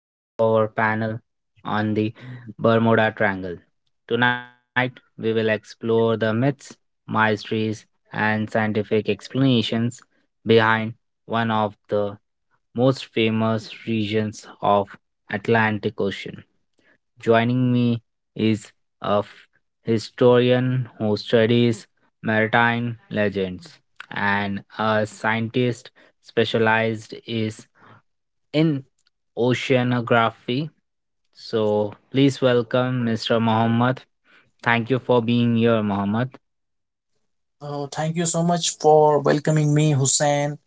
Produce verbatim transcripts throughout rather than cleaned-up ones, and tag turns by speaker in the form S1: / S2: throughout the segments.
S1: and welcome to our panel on the Bermuda Triangle. Tonight, we will explore the myths, mysteries, and scientific explanations behind one of the most famous regions of Atlantic Ocean. Joining me is a f- historian who studies maritime legends and a scientist specialized is in oceanography. So please welcome mister Mohammed. Thank you for being here, Mohammed.
S2: Oh, thank you so much for welcoming me, Hussein.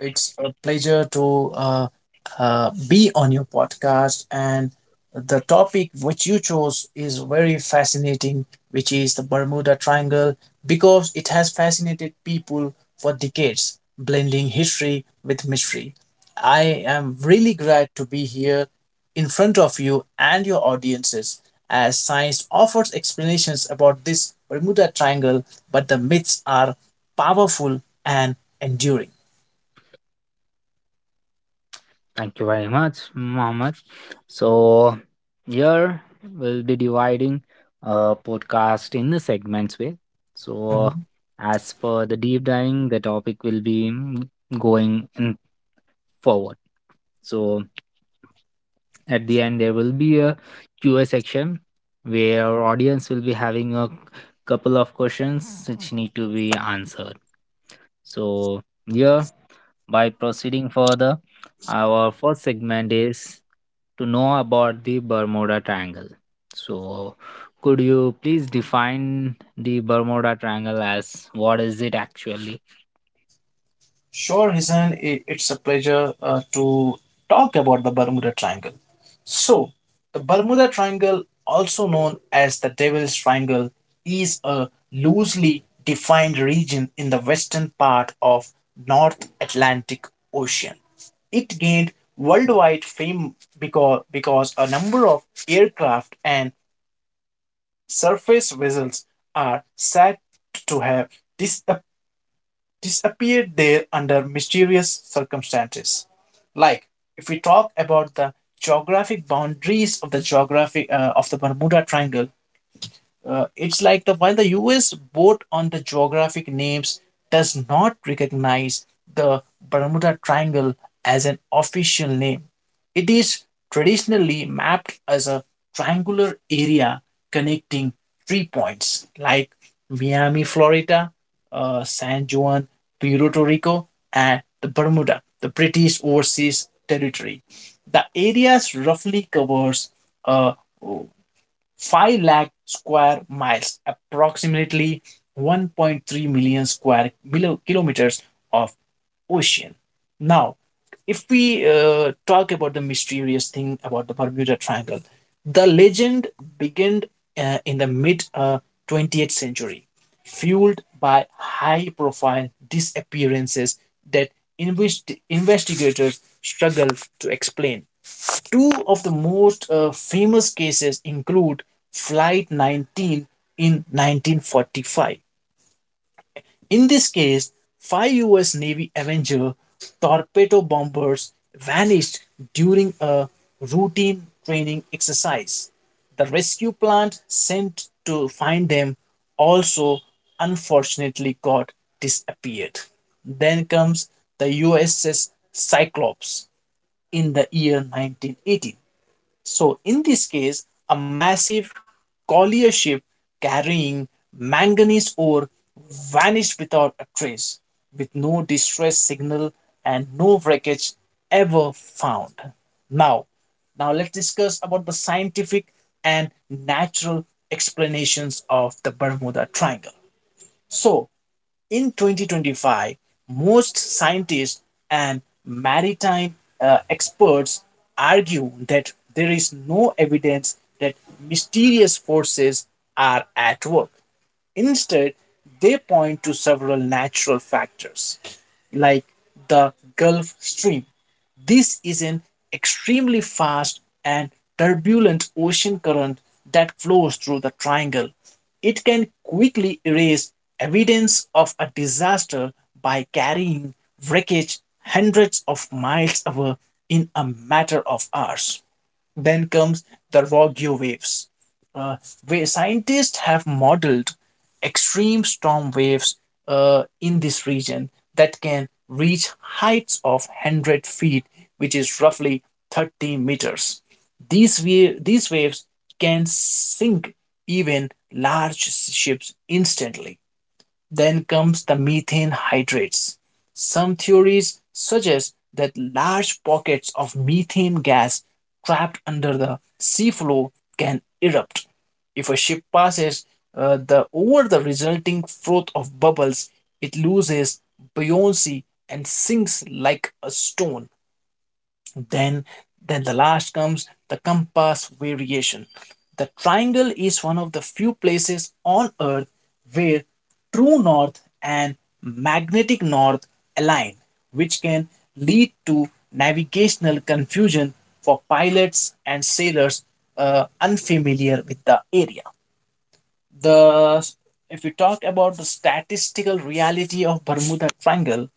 S2: It's a pleasure to uh, uh, be on your podcast. And the topic which you chose is very fascinating, which is the Bermuda Triangle, because it has fascinated people for decades, blending history with mystery. I am really glad to be here in front of you and your audiences as science offers explanations about this Bermuda Triangle, but the myths are powerful and enduring.
S1: Thank you very much, Mohammed. So here we'll be dividing a podcast in the segments way. So
S2: Mm-hmm.
S1: as for the deep diving, the topic will be mm, going in forward. So at the end there will be a Q A section where our audience will be having a couple of questions which need to be answered. So here, by proceeding further, our first segment is to know about the Bermuda Triangle. So could you please define the Bermuda Triangle as what is it actually?
S2: Sure, Hisan, it, it's a pleasure uh, to talk about the Bermuda Triangle. So, the Bermuda Triangle, also known as the Devil's Triangle, is a loosely defined region in the western part of North Atlantic Ocean. It gained worldwide fame because, because a number of aircraft and surface vessels are said to have dis- disappeared there under mysterious circumstances. Like if we talk about the geographic boundaries of the geographic uh, of the Bermuda Triangle, uh, it's like the while the U S vote on the geographic names does not recognize the Bermuda Triangle as an official name. It is traditionally mapped as a triangular area connecting three points like Miami, Florida, uh, San Juan, Puerto Rico, and the Bermuda, the British Overseas Territory. The areas roughly covers uh, five lakh square miles, approximately one point three million square milo- kilometers of ocean. Now, if we uh, talk about the mysterious thing about the Bermuda Triangle, the legend began uh, in the mid uh, twentieth century fueled by high profile disappearances that invest- investigators struggle to explain. Two of the most uh, famous cases include Flight nineteen in nineteen forty-five. In this case, five U S Navy Avenger torpedo bombers vanished during a routine training exercise. The rescue plant sent to find them also unfortunately got disappeared. Then comes the U S S Cyclops in the year nineteen eighteen. So, in this case, a massive collier ship carrying manganese ore vanished without a trace, with no distress signal and no wreckage ever found. Now, now let's discuss about the scientific and natural explanations of the Bermuda Triangle. So, in twenty twenty-five, most scientists and maritime uh, experts argue that there is no evidence that mysterious forces are at work. Instead, they point to several natural factors like the Gulf Stream. This is an extremely fast and turbulent ocean current that flows through the triangle. It can quickly erase evidence of a disaster by carrying wreckage hundreds of miles away in a matter of hours. Then comes the Rogue waves. Uh, where scientists have modeled extreme storm waves uh, in this region that can reach heights of one hundred feet, which is roughly thirty meters. These, wa- these waves can sink even large ships instantly. Then comes the methane hydrates. Some theories suggest that large pockets of methane gas trapped under the seafloor can erupt. If a ship passes uh, the over the resulting froth of bubbles, it loses buoyancy and sinks like a stone. Then, then the last comes the compass variation. The triangle is one of the few places on Earth where true north and magnetic north align, which can lead to navigational confusion for pilots and sailors uh, unfamiliar with the area. The If we talk about the statistical reality of Bermuda Triangle,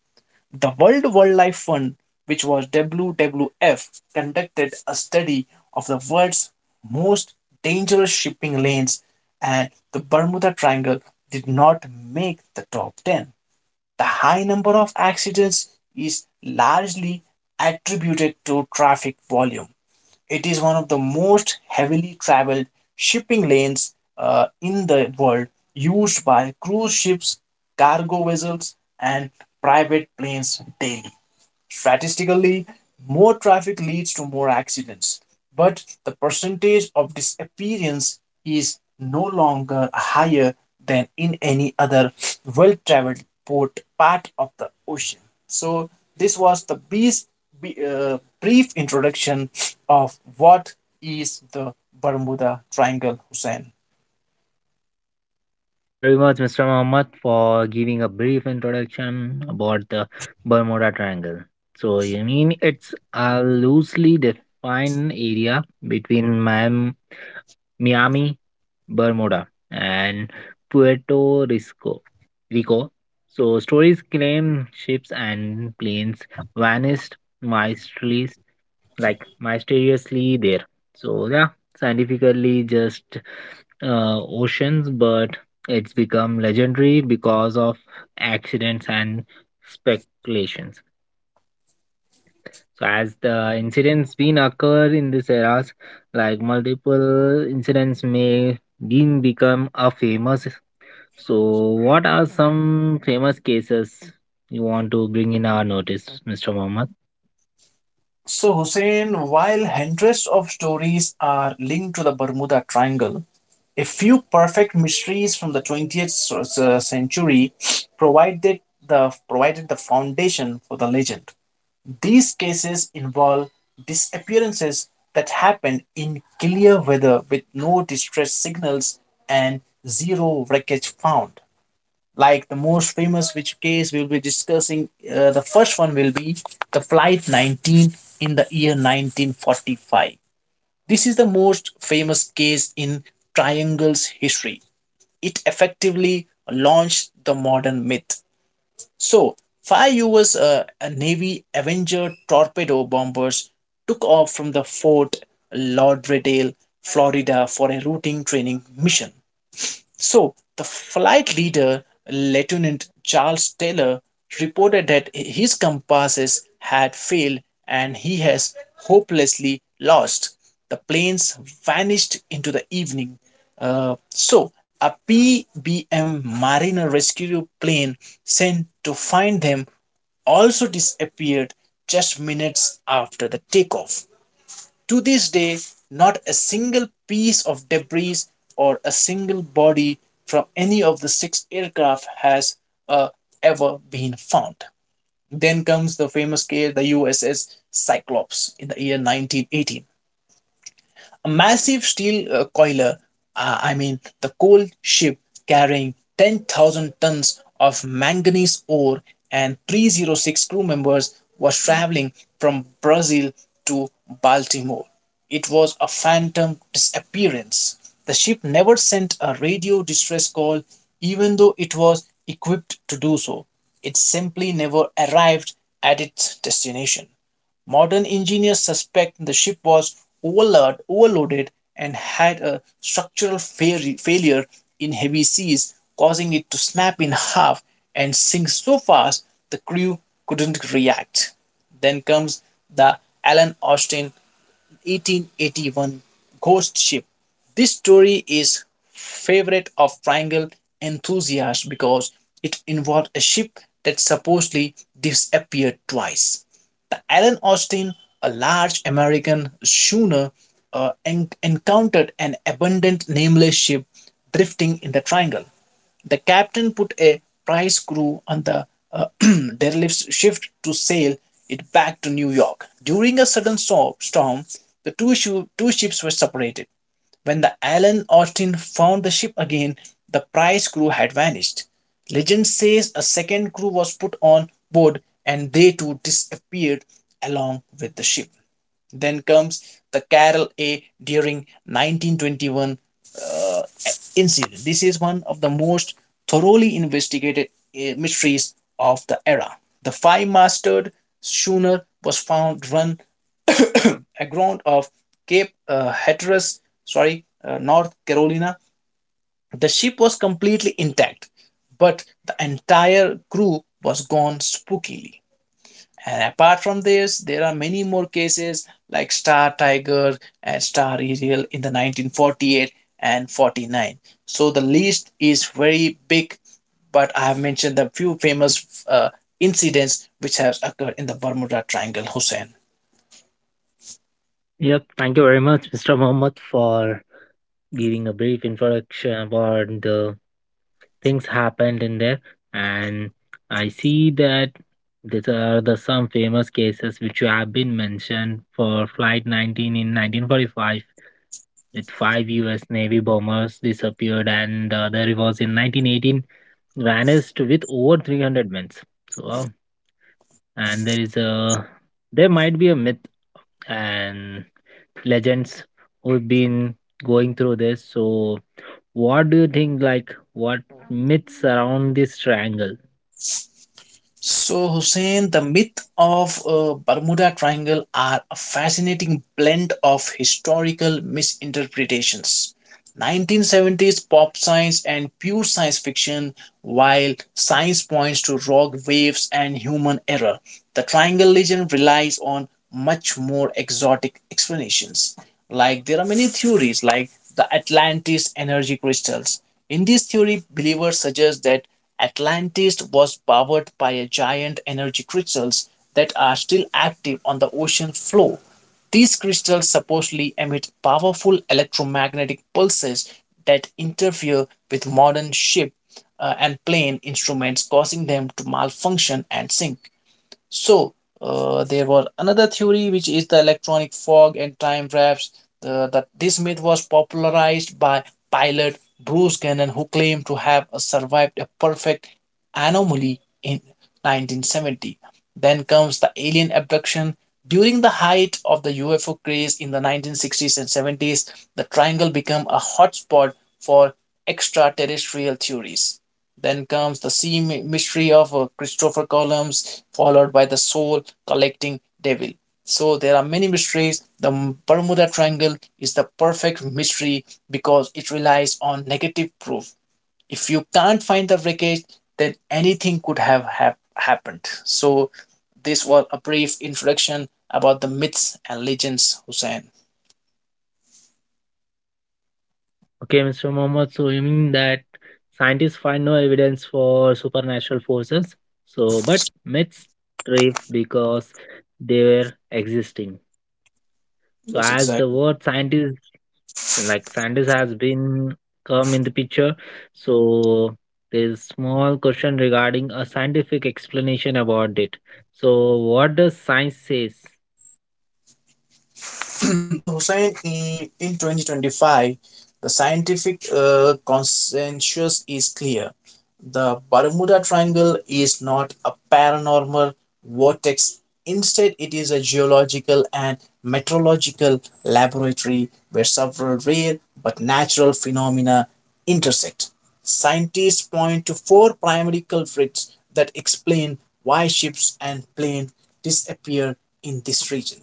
S2: the World Wildlife Fund, which was W W F, conducted a study of the world's most dangerous shipping lanes, and the Bermuda Triangle did not make the top ten. The high number of accidents is largely attributed to traffic volume. It is one of the most heavily traveled shipping lanes uh, in the world, used by cruise ships, cargo vessels, and private planes daily. Statistically, more traffic leads to more accidents, but the percentage of disappearance is no longer higher than in any other well traveled port part of the ocean. So, this was the bees- be- uh, brief introduction of what is the Bermuda Triangle, Hussein.
S1: Thank you very much, mister Mohammed, for giving a brief introduction about the Bermuda Triangle. So, you mean it's a loosely defined area between Miam- Miami, Bermuda, and Puerto Rico. Rico. So, stories claim ships and planes vanished mysteriously, like mysteriously there. So, yeah, scientifically just uh, oceans, but it's become legendary because of accidents and speculations. So, as the incidents been occur in these eras, like multiple incidents may been become a famous. So, what are some famous cases you want to bring in our notice, mister Mohammed?
S2: So, Hussein, while hundreds of stories are linked to the Bermuda Triangle, a few perfect mysteries from the twentieth so- so- century provided the, provided the foundation for the legend. These cases involve disappearances that happened in clear weather with no distress signals and zero wreckage found. Like the most famous which case we'll be discussing, uh, the first one will be the Flight nineteen in the year nineteen forty-five. This is the most famous case in Triangle's history. It effectively launched the modern myth. So, five U S uh, Navy Avenger torpedo bombers took off from the Fort Lauderdale, Florida for a routine training mission. So, the flight leader, Lieutenant Charles Taylor, reported that his compasses had failed and he has hopelessly lost. The planes vanished into the evening. Uh, so, a P B M Mariner rescue plane sent to find them also disappeared just minutes after the takeoff. To this day, not a single piece of debris or a single body from any of the six aircraft has uh, ever been found. Then comes the famous case, the U S S Cyclops, in the year nineteen eighteen. A massive steel uh, coiler, uh, I mean the coal ship carrying ten thousand tons of manganese ore and three oh six crew members was traveling from Brazil to Baltimore. It was a phantom disappearance. The ship never sent a radio distress call, even though it was equipped to do so. It simply never arrived at its destination. Modern engineers suspect the ship was overload, overloaded and had a structural fail- failure in heavy seas, causing it to snap in half and sink so fast the crew couldn't react. Then comes the Alan Austin eighteen eighty-one Ghost Ship. This story is favorite of triangle enthusiasts because it involved a ship that supposedly disappeared twice. The Alan Austin, a large American schooner, uh, en- encountered an abandoned nameless ship drifting in the triangle. The captain put a prize crew on the uh, derelict shift to sail it back to New York. During a sudden so- storm, the two, shu- two ships were separated. When the Alan Austin found the ship again, the prize crew had vanished. Legend says a second crew was put on board and they too disappeared along with the ship. Then comes the Carol A. During nineteen twenty-one incident. This is one of the most thoroughly investigated uh, mysteries of the era. The five masted schooner was found run aground off Cape uh, Hatteras, sorry, uh, North Carolina. The ship was completely intact, but the entire crew was gone spookily. And apart from this, there are many more cases like Star Tiger and Star Ariel in the nineteen forty-eight and forty-nine. So the list is very big, but I have mentioned the few famous uh, incidents which have occurred in the Bermuda Triangle, Hussein.
S1: Yep, thank you very much, mister Mohammed, for giving a brief introduction about the things happened in there, and I see that these are the some famous cases which have been mentioned for flight nineteen in nineteen forty-five with five us navy bombers disappeared, and the other was in nineteen eighteen vanished with over three hundred men. So uh, and there is a, there might be a myth and legends who've been going through this. So what do you think, like what myths around this triangle?
S2: So, Hussein, the myth of uh, Bermuda Triangle are a fascinating blend of historical misinterpretations. nineteen seventies pop science and pure science fiction. While science points to rock waves and human error, the triangle legend relies on much more exotic explanations. Like there are many theories, like the Atlantis energy crystals. In this theory, believers suggest that Atlantis was powered by a giant energy crystals that are still active on the ocean floor. These crystals supposedly emit powerful electromagnetic pulses that interfere with modern ship uh, and playing instruments, causing them to malfunction and sink. So, uh, there was another theory which is the electronic fog and time wraps. The, that This myth was popularized by pilot Bruce Gannon, who claimed to have uh, survived a perfect anomaly in nineteen seventy. Then comes the alien abduction. During the height of the U F O craze in the nineteen sixties and seventies, the triangle became a hotspot for extraterrestrial theories. Then comes the sea mystery of uh, Christopher Columbus, followed by the soul collecting devil. So there are many mysteries. The Bermuda Triangle is the perfect mystery because it relies on negative proof. If you can't find the wreckage, then anything could have hap- happened. So this was a brief introduction about the myths and legends, Hussain.
S1: Okay, mister Mohammed, so you mean that scientists find no evidence for supernatural forces? So, but myths thrive because they were existing. So,
S2: Yes,
S1: as the
S2: exactly.
S1: word scientist, like scientist, has been come in the picture, so there is small question regarding a scientific explanation about it. So, what does science says?
S2: So Hussein, in, in twenty twenty-five, the scientific uh, consensus is clear. The Bermuda Triangle is not a paranormal vortex. Instead, it is a geological and meteorological laboratory where several rare but natural phenomena intersect. Scientists point to four primary culprits that explain why ships and planes disappear in this region.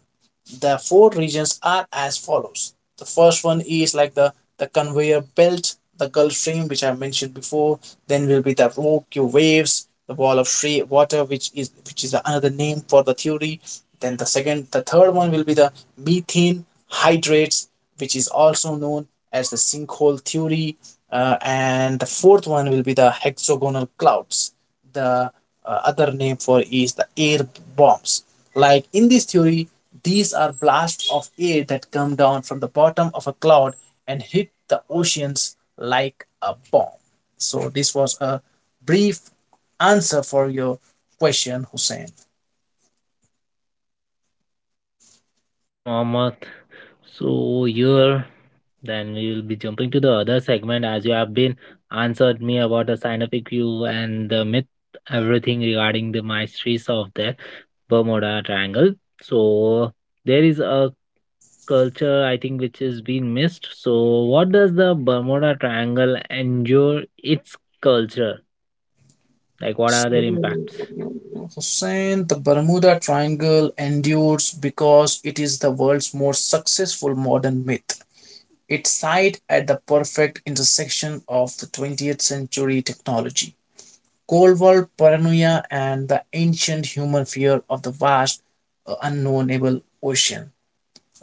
S2: The four regions are as follows. The first one is like the, the conveyor belt, the Gulf Stream, which I mentioned before. Then will be the rocky waves, the wall of free water, which is which is another name for the theory. Then the second, the third one will be the methane hydrates, which is also known as the sinkhole theory. Uh, and the fourth one will be the hexagonal clouds. The uh, other name for is the air bombs. Like in this theory, these are blasts of air that come down from the bottom of a cloud and hit the oceans like a bomb. So this was a brief answer for your question, Hussein.
S1: Okay, Mohammed. So here, then we will be jumping to the other segment as you have been answered me about the scientific view and the myth, everything regarding the mysteries of the Bermuda Triangle. So there is a culture I think which is being missed. So what does the Bermuda Triangle endure its culture? Like what are
S2: So,
S1: their impacts?
S2: Hussein, the Bermuda Triangle endures because it is the world's most successful modern myth. It sits at the perfect intersection of the twentieth century technology, Cold War paranoia, and the ancient human fear of the vast, uh, unknownable ocean.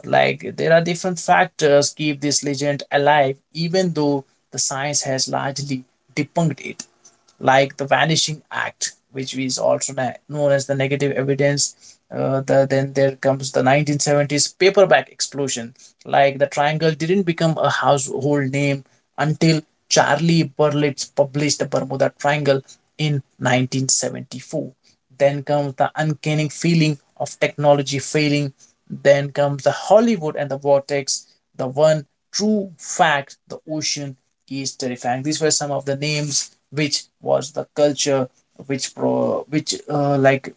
S2: Like there are different factors keep this legend alive, even though the science has largely debunked it, like the Vanishing Act, which is also known as the negative evidence. Uh, the, then there comes the nineteen seventies paperback explosion. Like the triangle didn't become a household name until Charlie Berlitz published the Bermuda Triangle in nineteen seventy-four. Then comes the uncanny feeling of technology failing. Then comes the Hollywood and the vortex. The one true fact, the ocean is terrifying. These were some of the names which was the culture which pro which uh, like,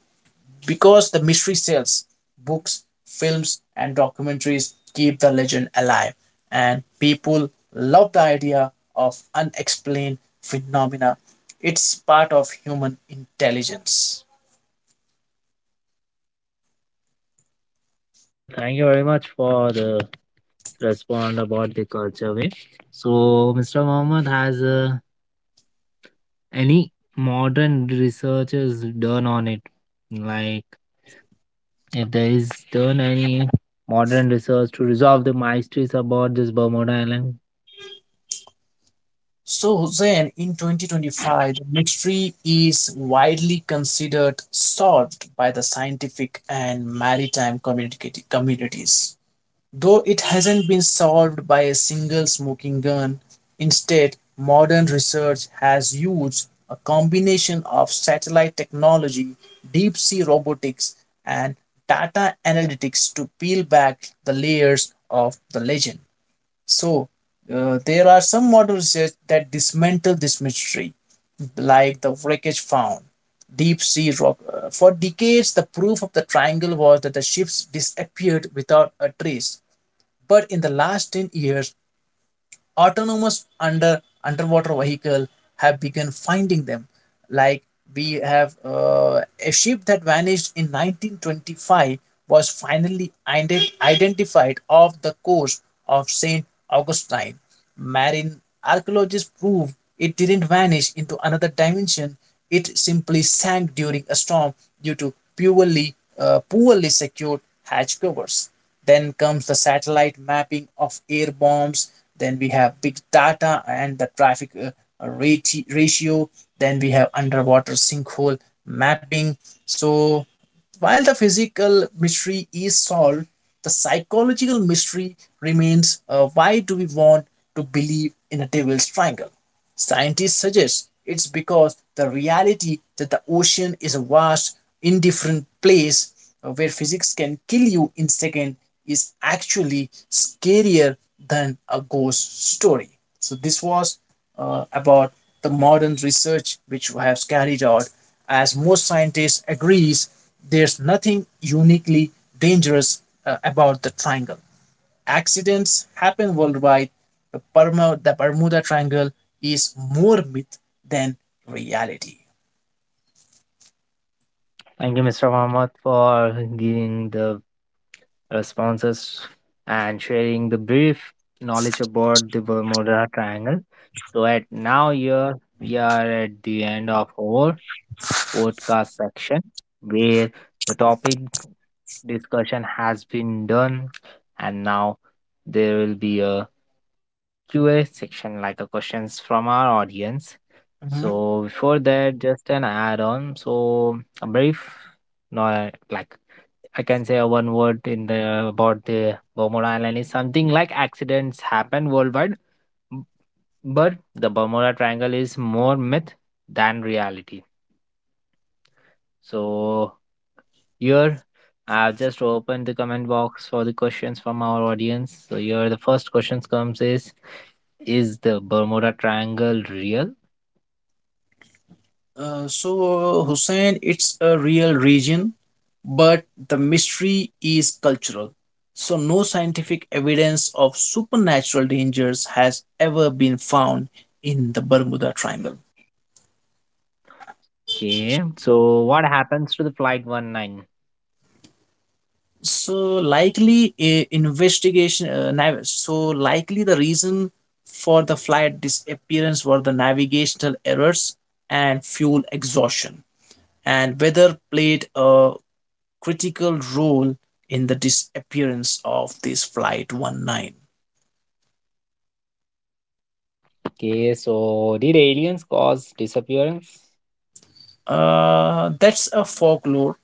S2: because the mystery sells books, films, and documentaries keep the legend alive, and people love the idea of unexplained phenomena. It's part of human intelligence.
S1: Yeah, thank you very much for the respond about the culture way. So, mister Mohammed, has uh, any modern researchers done on it? Like, if there is done any modern research to resolve the mysteries about this Bermuda Island?
S2: So, Hussein, in two thousand twenty-five, the mystery is widely considered solved by the scientific and maritime communicati- communities. Though it hasn't been solved by a single smoking gun, instead, modern research has used a combination of satellite technology, deep sea robotics, and data analytics to peel back the layers of the legend. So, uh, there are some modern research that dismantle this mystery, like the wreckage found. Deep sea rock. uh, For decades, the proof of the triangle was that the ships disappeared without a trace. But in the last ten years, autonomous under underwater vehicle have begun finding them, like we have uh, a ship that vanished in nineteen twenty-five was finally ident identified off the coast of Saint Augustine. Marine archaeologists prove it didn't vanish into another dimension. It simply sank during a storm due to poorly, uh, poorly secured hatch covers. Then comes the satellite mapping of air bombs. Then we have big data and the traffic uh, rati- ratio. Then we have underwater sinkhole mapping. So while the physical mystery is solved, the psychological mystery remains, uh, why do we want to believe in a devil's triangle? Scientists suggest it's because the reality that the ocean is a vast, indifferent place uh, where physics can kill you in second is actually scarier than a ghost story. So this was uh, about the modern research which has carried out. As most scientists agrees, there's nothing uniquely dangerous uh, about the triangle, accidents happen worldwide, the, Bermu- the Bermuda Triangle is more myth than reality.
S1: Thank you, mister Mohammed, for giving the responses and sharing the brief knowledge about the Bermuda Triangle. So, at now, here we are at the end of our podcast section where the topic discussion has been done, and now there will be a Q A section like a questions from our audience.
S2: Mhm.
S1: So before that, just an add on. So a brief, no, like I can say a one word in the about the Bermuda Island is something like accidents happen worldwide, b- but the Bermuda Triangle is more myth than reality. So here, I've just opened the comment box for the questions from our audience. So here, the first question comes is, is the Bermuda Triangle real?
S2: Uh, so, Hussein, it's a real region, but the mystery is cultural. So, no scientific evidence of supernatural dangers has ever been found in the Bermuda Triangle.
S1: Okay, so what happens to the Flight one nine?
S2: So likely a investigation. Uh, nav- so likely the reason for the flight disappearance were the navigational errors and fuel exhaustion, and weather played a critical role in the disappearance of this flight one nine.
S1: Okay, so did aliens cause disappearance?
S2: Uh, that's a folklore.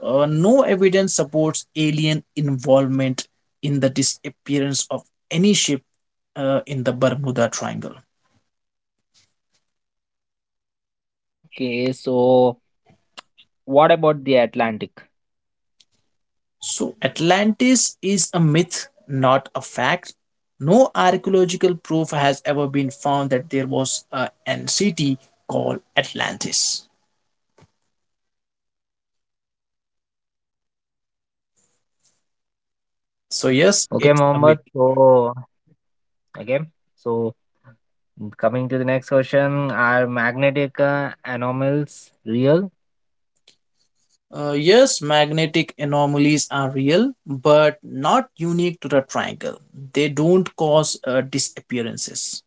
S2: Uh, no evidence supports alien involvement in the disappearance of any ship uh, in the Bermuda Triangle.
S1: Okay, so what about the Atlantic?
S2: So, Atlantis is a myth, not a fact. No archaeological proof has ever been found that there was a an city called Atlantis. So, yes,
S1: Okay,
S2: it's a myth.
S1: Mohammed. So okay, so coming to the next question, are magnetic uh, anomalies real?
S2: Uh, yes, magnetic anomalies are real, but not unique to the triangle. They don't cause uh, disappearances.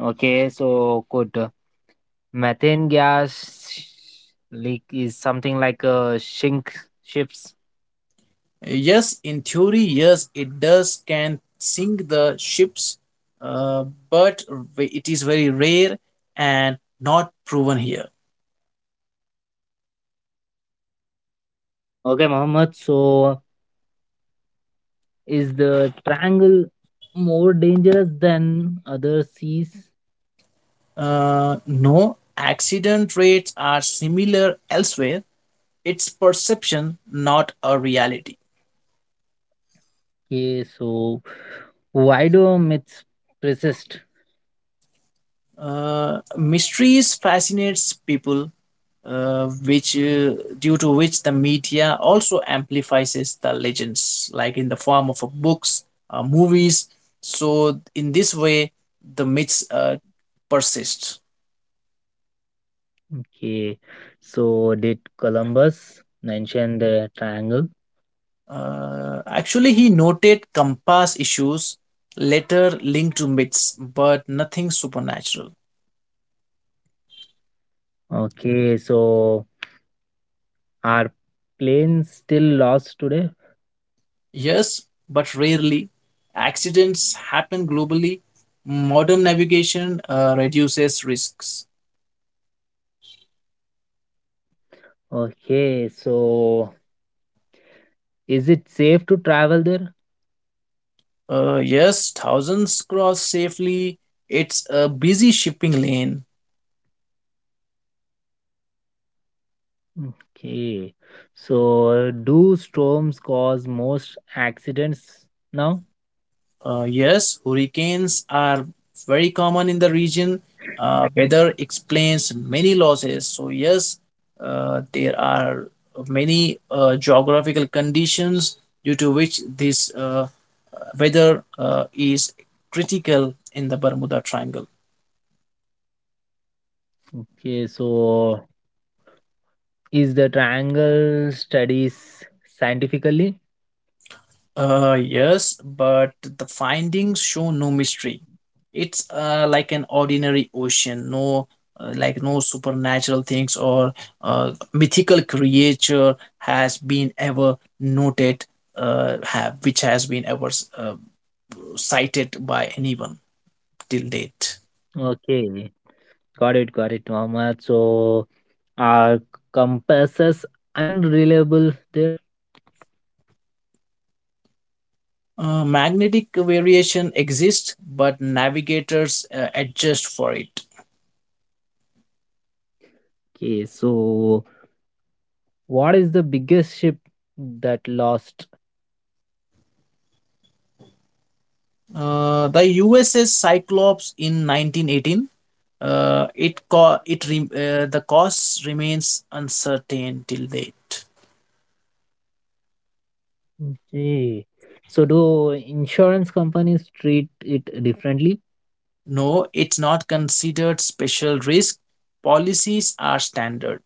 S1: Okay, so good. Methane gas leak is something like a sink ships.
S2: Yes, in theory, yes, it does can sink the ships, uh, but it is very rare and not proven here.
S1: Okay, Mohammed. So, is the triangle more dangerous than other seas?
S2: Uh, no, accident rates are similar elsewhere. It's perception, not a reality.
S1: Okay, so why do myths persist?
S2: Uh, mysteries fascinates people uh, which uh, due to which the media also amplifies the legends like in the form of uh, books, uh, movies. So in this way the myths uh, persist.
S1: Okay, so did Columbus mention the triangle?
S2: Uh, actually he noted compass issues later linked to myths but nothing supernatural.
S1: Okay, so are planes still lost today?
S2: Yes, but rarely, accidents happen globally, modern navigation uh, reduces risks.
S1: Okay, so is it safe to travel there?
S2: Uh, yes, thousands cross safely. It's a busy shipping lane.
S1: Okay. So, do storms cause most accidents now?
S2: Uh, yes, hurricanes are very common in the region. Uh, weather explains many losses. So, yes, uh, there are many uh, geographical conditions due to which this uh, weather uh, is critical in the Bermuda Triangle.
S1: Okay. So, is the triangle studies scientifically?
S2: Uh, yes, but the findings show no mystery. It's uh, like an ordinary ocean, no uh, like no supernatural things or uh, mythical creature has been ever noted, uh, have which has been ever uh, cited by anyone till date.
S1: Okay. Got it. Got it, Mohammed. So, are compasses unreliable there?
S2: Uh, magnetic variation exists, but navigators uh, adjust for it.
S1: Okay. So, what is the biggest ship that lost?
S2: Uh, the U S S Cyclops in nineteen eighteen. Uh, it co- it re- uh, The cost remains uncertain till date.
S1: Okay. So, do insurance companies treat it differently?
S2: No, it's not considered special risk. Policies are standard.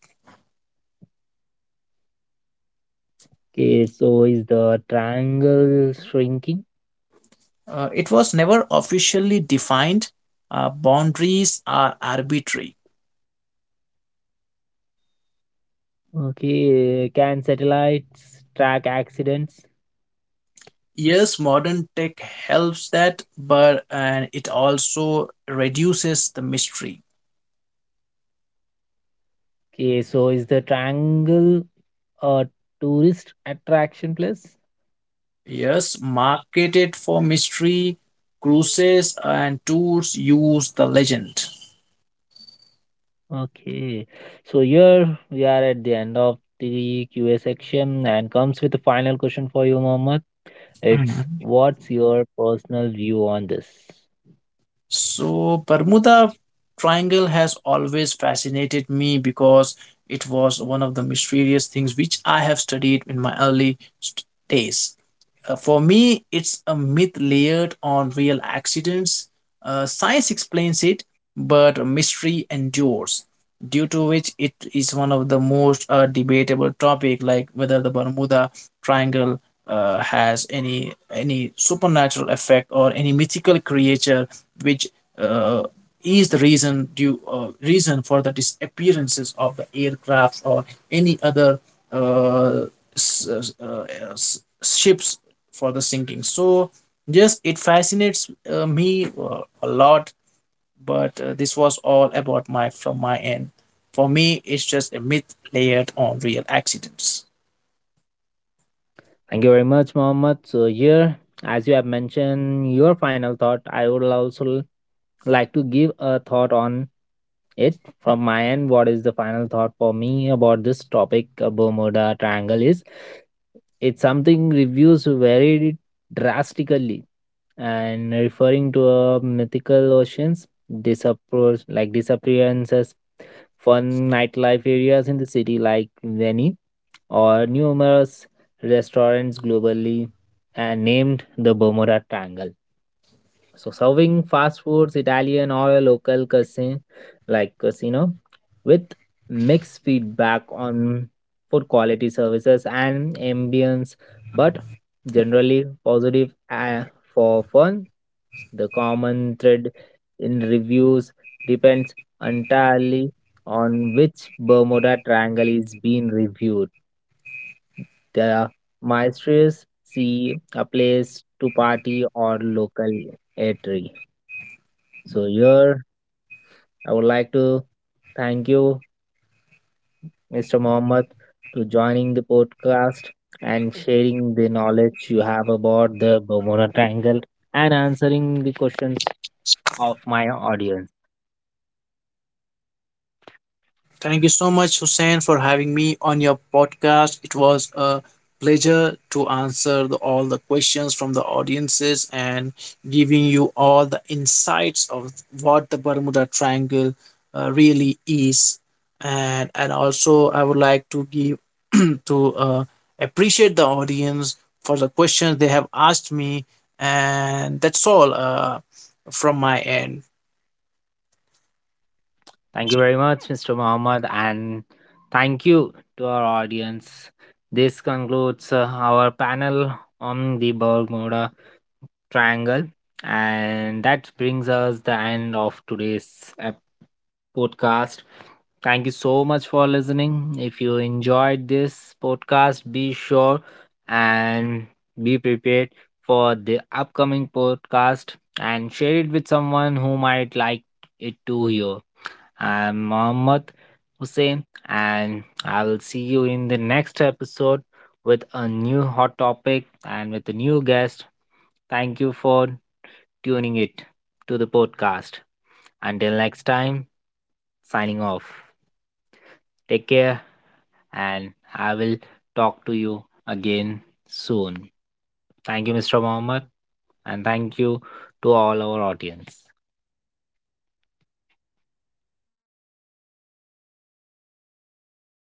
S1: Okay, so is the triangle shrinking?
S2: Uh, it was never officially defined. Uh, boundaries are arbitrary.
S1: Okay, can satellites track accidents?
S2: Yes, modern tech helps that, but and it also reduces the mystery.
S1: Okay, so is the triangle a tourist attraction place?
S2: Yes, marketed for mystery, cruises and tours use the legend.
S1: Okay, so here we are at the end of the Q A section and comes with the final question for you, Mohammed. It's
S2: Mhm.
S1: what's your personal view on this?
S2: So, Bermuda Triangle has always fascinated me because it was one of the mysterious things which I have studied in my early st- days. Uh, for me, it's a myth layered on real accidents. Uh, science explains it, but mystery endures, due to which it is one of the most uh, debatable topic, like whether the Bermuda Triangle uh, has any any supernatural effect or any mythical creature, which uh, is the reason due uh, reason for the disappearances of the aircraft or any other uh, s- s- uh, s- ships for the sinking. So just it fascinates uh, me uh, a lot, but uh, this was all about my from my end. For me it's just a myth layered on real accidents.
S1: Thank you very much, Mohammed. So, here, as you have mentioned your final thought, I would also like to give a thought on it from my end. What is the final thought for me about this topic, uh, Bermuda Triangle, is it's something reviews varied drastically and referring to a mythical oceans, disappear like disappearances, fun nightlife areas in the city like Venice or numerous restaurants globally and named the Bermuda Triangle. So serving fast foods, Italian or a local cuisine like casino with mixed feedback on food quality services and ambience, but generally positive uh, for fun. The common thread in reviews depends entirely on which Bermuda Triangle is being reviewed. The maestros see a place to party or local eatery. So here I would like to thank you, mister Mohammed, to joining the podcast and sharing the knowledge you have about the Bermuda Triangle and answering the questions of my audience.
S2: Thank you so much, Hussein, for having me on your podcast. It was a pleasure to answer the, all the questions from the audiences and giving you all the insights of what the Bermuda Triangle uh, really is. And, and also, I would like to give to uh, appreciate the audience for the questions they have asked me. And that's all uh, from my end.
S1: Thank you very much, mister Muhammad, and thank you to our audience. This concludes uh, our panel on the Bermuda Triangle, and that brings us the end of today's ep- podcast. Thank you so much for listening. If you enjoyed this podcast, be sure and be prepared for the upcoming podcast and share it with someone who might like it to hear. I'm Mohammad Hussein, and I will see you in the next episode with a new hot topic and with a new guest. Thank you for tuning it to the podcast. Until next time, signing off. Take care, and I will talk to you again soon. Thank you, mister Mohammed, and thank you to all our audience.